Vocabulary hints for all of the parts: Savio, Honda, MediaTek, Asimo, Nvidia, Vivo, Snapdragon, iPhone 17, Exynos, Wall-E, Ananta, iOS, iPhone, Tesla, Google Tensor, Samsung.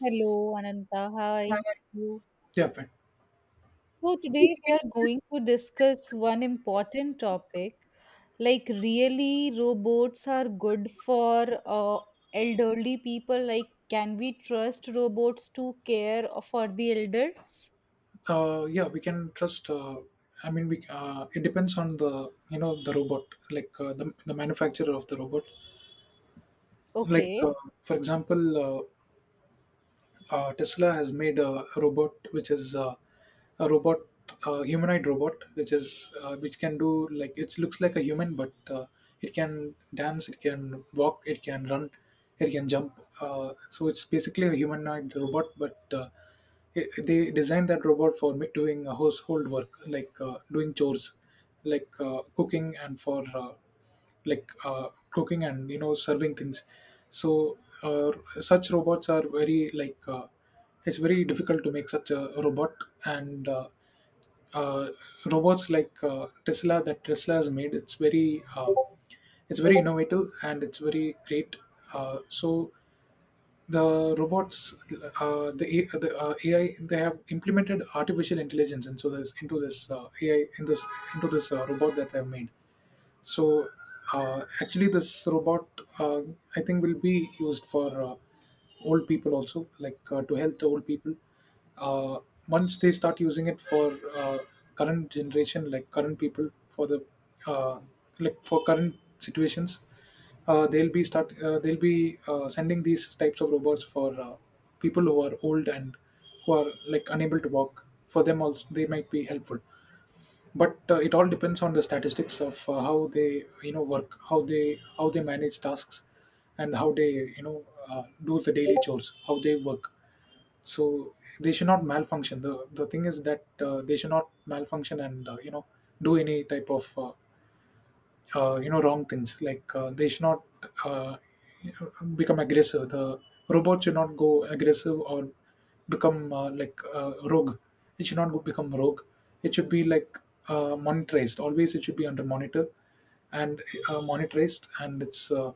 Hello, Ananta. Hi. You. Yeah, fine. So today we are going to discuss one important topic. Like, really, robots are good for elderly people. Like, can we trust robots to care for the elders? Yeah, we can trust. I mean, we it depends on the you know the robot, like, the manufacturer of the robot. Like, Okay. for example, Tesla has made a robot which is, a robot, humanoid robot, which can do, like, it looks like a human, but it can dance, it can walk, it can run, it can jump, so it's basically a humanoid robot, but they designed that robot for doing household work, like doing chores, like cooking, and for like, cooking and serving things. So uh, such robots are very, like, it's very difficult to make such a robot. And uh, robots like, tesla that tesla has made, it's very, innovative, and it's very great. So the robots, the, A- the AI, they have implemented artificial intelligence into this, ai in this into this robot that they have made. So actually, this robot, uh, I think, will be used for old people also, like, to help the old people. Uh, Once they start using it for current generation, like current people, for the, uh, like, for current situations, they'll be sending these types of robots for people who are old and who are, like, unable to walk. For them also, they might be helpful, but it all depends on the statistics of how they work, how they manage tasks, and how they, do the daily chores, how they work. So they should not malfunction. The thing is that, they should not malfunction and, do any type of, wrong things, like they should not, uh, become aggressive. The robot should not go aggressive or become, like, rogue. It should not go become rogue. It should be, like, monetized always. It should be under monitor and, monetized. And it's,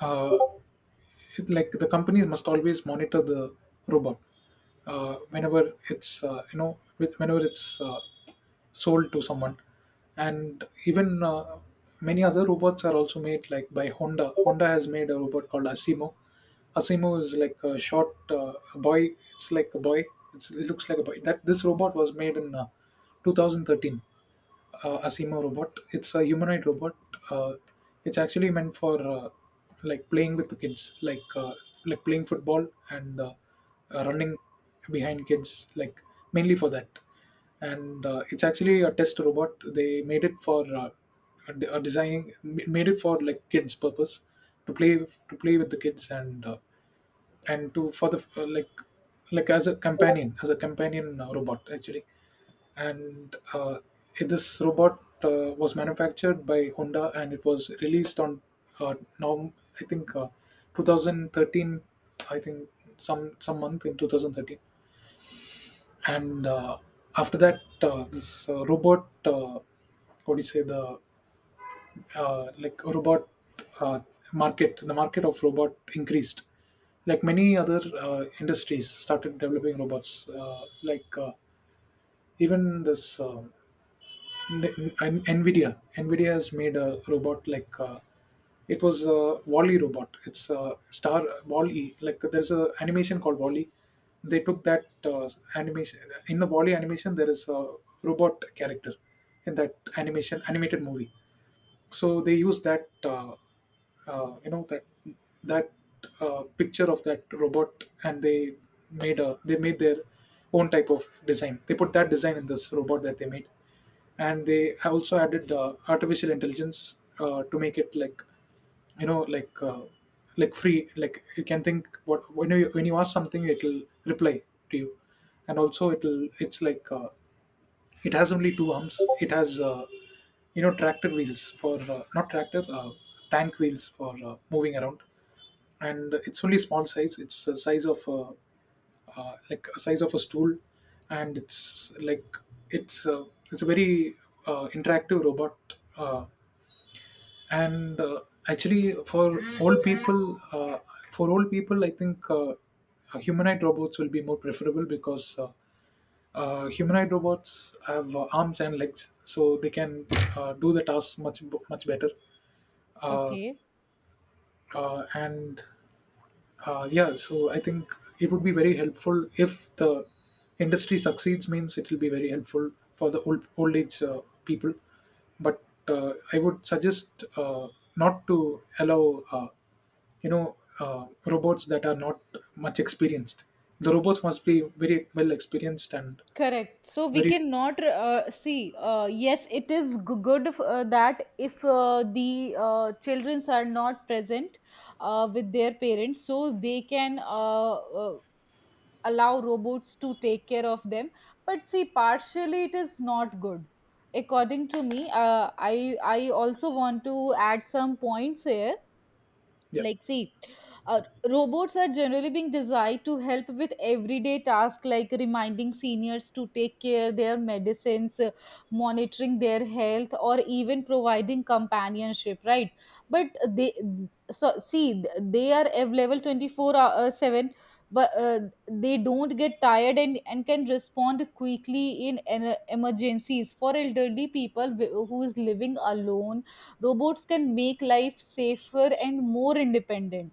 uh, like, the company must always monitor the robot whenever it's, you know with whenever it's sold to someone. And even many other robots are also made, like by Honda. Honda has made a robot called Asimo. Asimo is like a short boy. It's like a boy. It looks like a boy. That this robot was made in 2013. Asimo robot. It's a humanoid robot. Uh, it's actually meant for, like, playing with the kids, like, like playing football and, running behind kids, like, mainly for that. And it's actually a test robot. They made it for a de- a designing ma- made it for, like, kids purpose, to play with the kids, and to for the like, as a companion, robot, actually. And this robot was manufactured by Honda, and it was released on, now I think, 2013, I think some month in 2013. And after that, this robot, what do you say, the like robot, uh, market the market of robot increased. Like, many other industries started developing robots, like, even this, Nvidia. Nvidia has made a robot, like, it was a Wall-E robot. It's a star Wall-E. Like, there's a animation called Wall-E. They took that animation. In the Wall-E animation, there is a robot character in that animation animated movie. So they use that, uh, you know that that picture of that robot, and they made a they made their own type of design. They put that design in this robot that they made. And they also added artificial intelligence to make it, like, you know like uh, like free, like you can think what, when you ask something, it'll reply to you. And also it's, like, it has only two arms. It has, tractor wheels for, not tractor, tank wheels for moving around. And it's only small size. It's the size of a, like a size of a stool. And it's like, it's a, it's a very interactive robot. uh, and actually for old people, I think, humanoid robots will be more preferable, because humanoid robots have arms and legs, so they can do the tasks much better. uh, Okay. And yeah, so I think it would be very helpful if the industry succeeds means it will be very helpful for the old age people. But I would suggest not to allow, robots that are not much experienced. The robots must be very well experienced, and Correct. So we very. cannot see. Yes, it is good that if the childrens are not present, with their parents, so they can allow robots to take care of them. But see, partially it is not good, according to me. I also want to add some points here. Yeah, Like, see, uh, robots are generally being designed to help with everyday tasks, like reminding seniors to take care their medicines, monitoring their health, or even providing companionship, right? But they, so see, they are available 24 hour 7. But they don't get tired, and can respond quickly in emergencies. For elderly people who is living alone, robots can make life safer and more independent.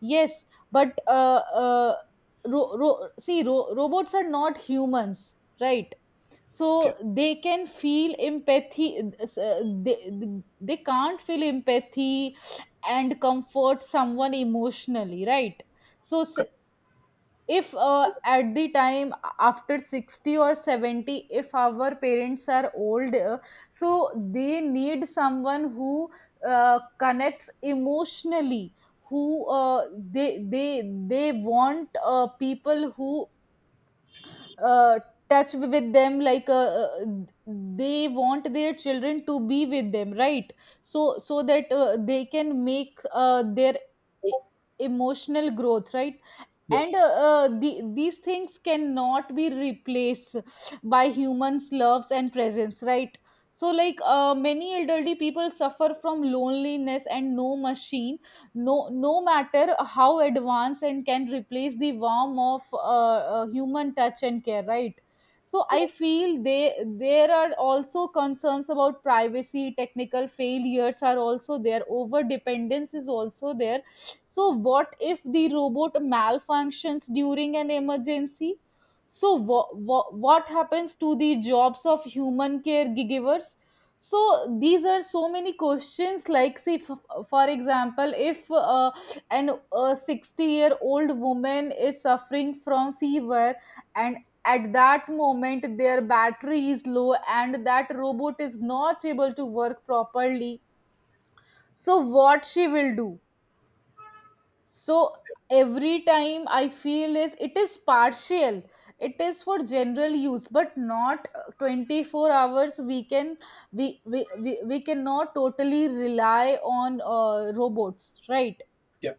Yes. But see, robots are not humans, right? yeah. So they can feel empathy, they, they can't feel empathy and comfort someone emotionally, right? So cut- if at the time after 60 or 70, if our parents are old, so they need someone who connects emotionally, who they they they want people who uh, touch with them, like they want their children to be with them, right? So, so that they can make their e- emotional growth, right? yeah, And these things cannot be replaced by humans loves and presence, right? So, like, many elderly people suffer from loneliness, and no machine, no matter how advanced, and can replace the warmth of human touch and care, right? So I feel, they there are also concerns about privacy. Technical failures are also there. Over dependence is also there. So, what if the robot malfunctions during an emergency? So, what happens to the jobs of human caregivers? So, these are so many questions. Like, say, for example, if an a 60-year-old woman is suffering from fever, and at that moment their battery is low and that robot is not able to work properly, so what she will do? So every time, I feel, is it is partial. It is for general use, but not 24 hours we can. We cannot totally rely on robots, right? yeah,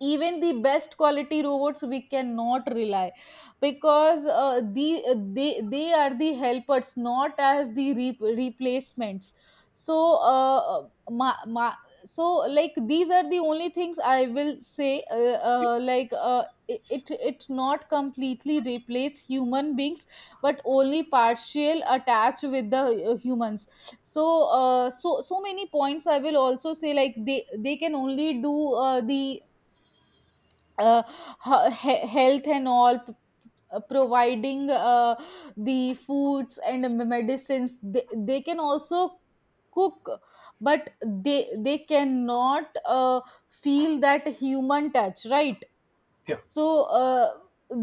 Even the best quality robots we cannot rely, because they are the helpers, not as the replacements. So so, like, these are the only things I will say, yeah, like, it not completely replace human beings, but only partial attach with the humans. So, so so many points I will also say, like, they can only do the uh, health and all providing the foods and the medicines. They can also cook, but they cannot feel that human touch, right? yeah. So,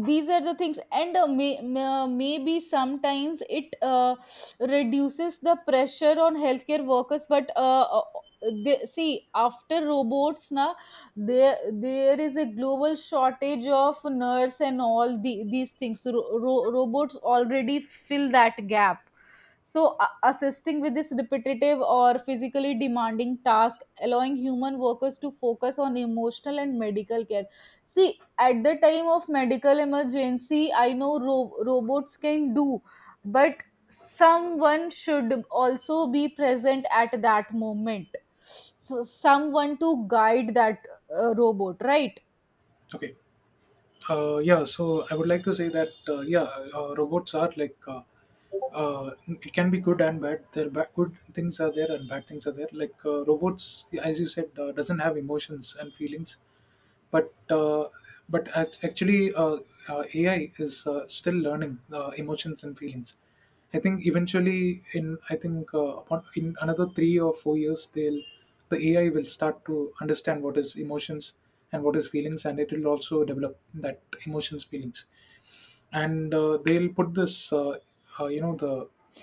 these are the things. And maybe sometimes it reduces the pressure on healthcare workers, but see, after robots na, there is a global shortage of nurse and all these things. Robots already fill that gap. So assisting with this repetitive or physically demanding task, allowing human workers to focus on emotional and medical care. See, at the time of medical emergency, I know robots can do, but someone should also be present at that moment. So, someone to guide that robot, right? Okay. Yeah, so I would like to say that, yeah, robots are, like, it can be good and bad. Good things are there and bad things are there. Like, robots, as you said, doesn't have emotions and feelings. But actually, AI is, still learning emotions and feelings. I think eventually, in I think upon, in another 3 or 4 years, they'll, the AI will start to understand what is emotions and what is feelings, and it will also develop that emotions feelings. And they'll put this, the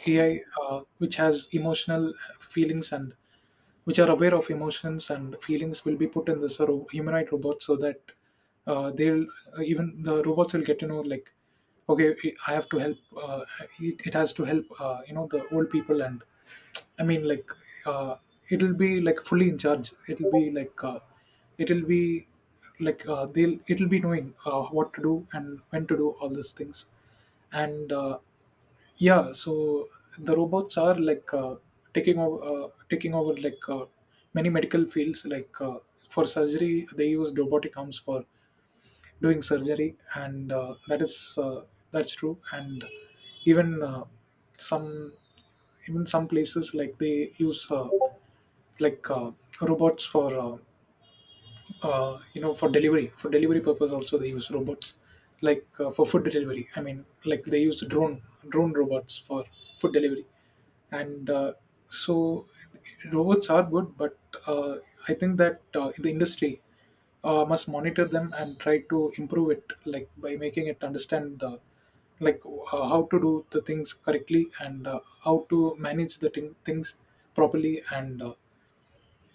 AI which has emotional feelings, and which are aware of emotions and feelings, will be put in this, humanoid robot, so that, they'll even the robots will get to know, like, okay, I have to help, uh, it has to help, the old people. And I mean, like, uh, it'll be, like, fully in charge. It'll be like it'll be like they'll it'll be knowing what to do and when to do all these things. And yeah, so the robots are, like, taking over, like, many medical fields. Like, for surgery, they use robotic arms for doing surgery, and that's true. And even, some, even some places, like, they use like robots for, for delivery purpose also, they use robots, like for food delivery. I mean, like, they use drone robots for food delivery. And so robots are good, but uh, I think that the industry must monitor them and try to improve it, like, by making it understand the, like, how to do the things correctly, and how to manage the things properly. And uh,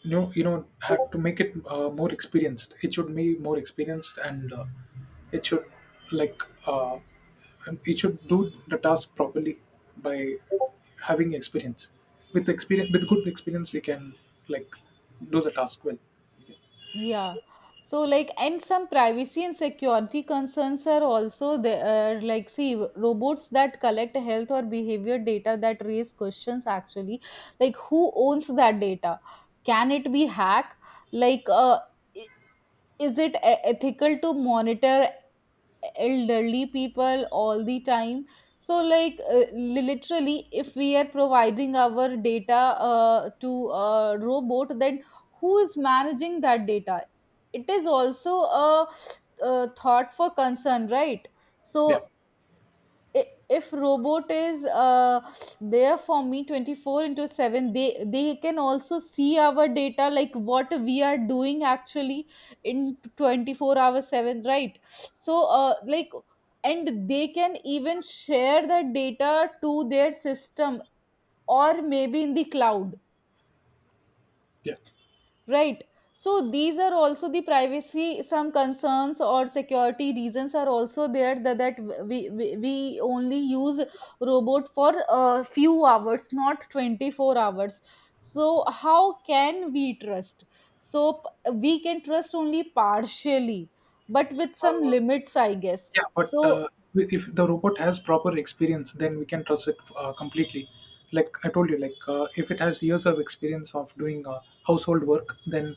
you know you know had to make it more experienced. It should be more experienced. And it should like uh, it should do the task properly by having experience, with good experience. They can, like, do the task well. Yeah. So, like, and some privacy and security concerns are also there. Like, see, robots that collect health or behavior data that raise questions actually, like, who owns that data? Can it be hacked? Like, is it ethical to monitor elderly people all the time? So, like, literally, if we are providing our data to a robot, then who is managing that data? It is also a thought for concern, right? Yeah, So i- if robot is there for me 24 into 7, they can also see our data, like what we are doing actually in 24 hour 7, right? So, like, and they can even share the data to their system, or maybe in the cloud. yeah. Right. So these are also the privacy, some concerns or security reasons are also there, that, we only use robot for a few hours, not 24 hours. So how can we trust? So we can trust only partially, but with some uh, limits, I guess. Yeah, but So if the robot has proper experience, then we can trust it completely. Like I told you, like if it has years of experience of doing household work, then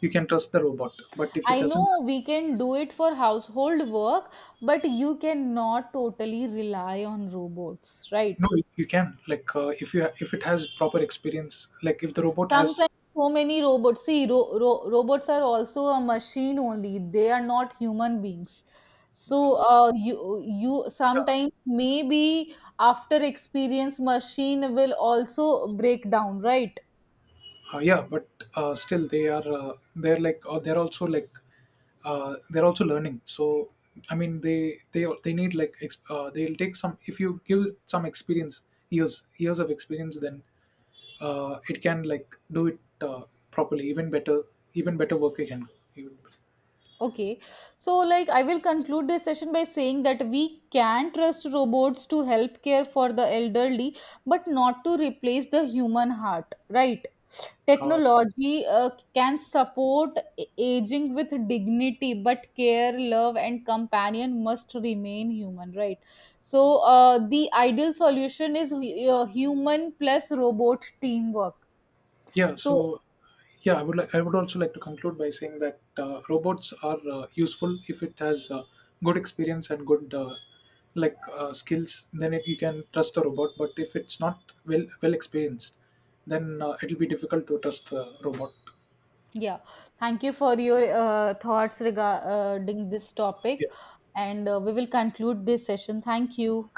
you can trust the robot. But if it I doesn't. know we can do it for household work, but you cannot totally rely on robots, right? No, you can. Like if it has proper experience, like if the robot has. Sometimes so many robots. See, robots are also a machine only. They are not human beings. So uh, uh, you yeah. sometimes, maybe after experience machine will also break down, right? Yeah, but still they're, like, they're also learning. So I mean, they need, like, they'll take some if you give some experience, years of experience, then it can, like, do it properly, even better. Work again. Even, Okay, so, like, I will conclude this session by saying that we can trust robots to help care for the elderly, but not to replace the human heart, right? uh, Technology can support aging with dignity, but care, love, and companion must remain human, right? So, the ideal solution is human plus robot teamwork. yeah, so. So, Yeah, I would like. I would also like to conclude by saying that robots are useful if it has good experience and good, like, skills. Then, you can trust the robot. But if it's not well experienced, then it'll be difficult to trust the robot. yeah, thank you for your thoughts regarding this Yeah. topic, and we will conclude this session. Thank you.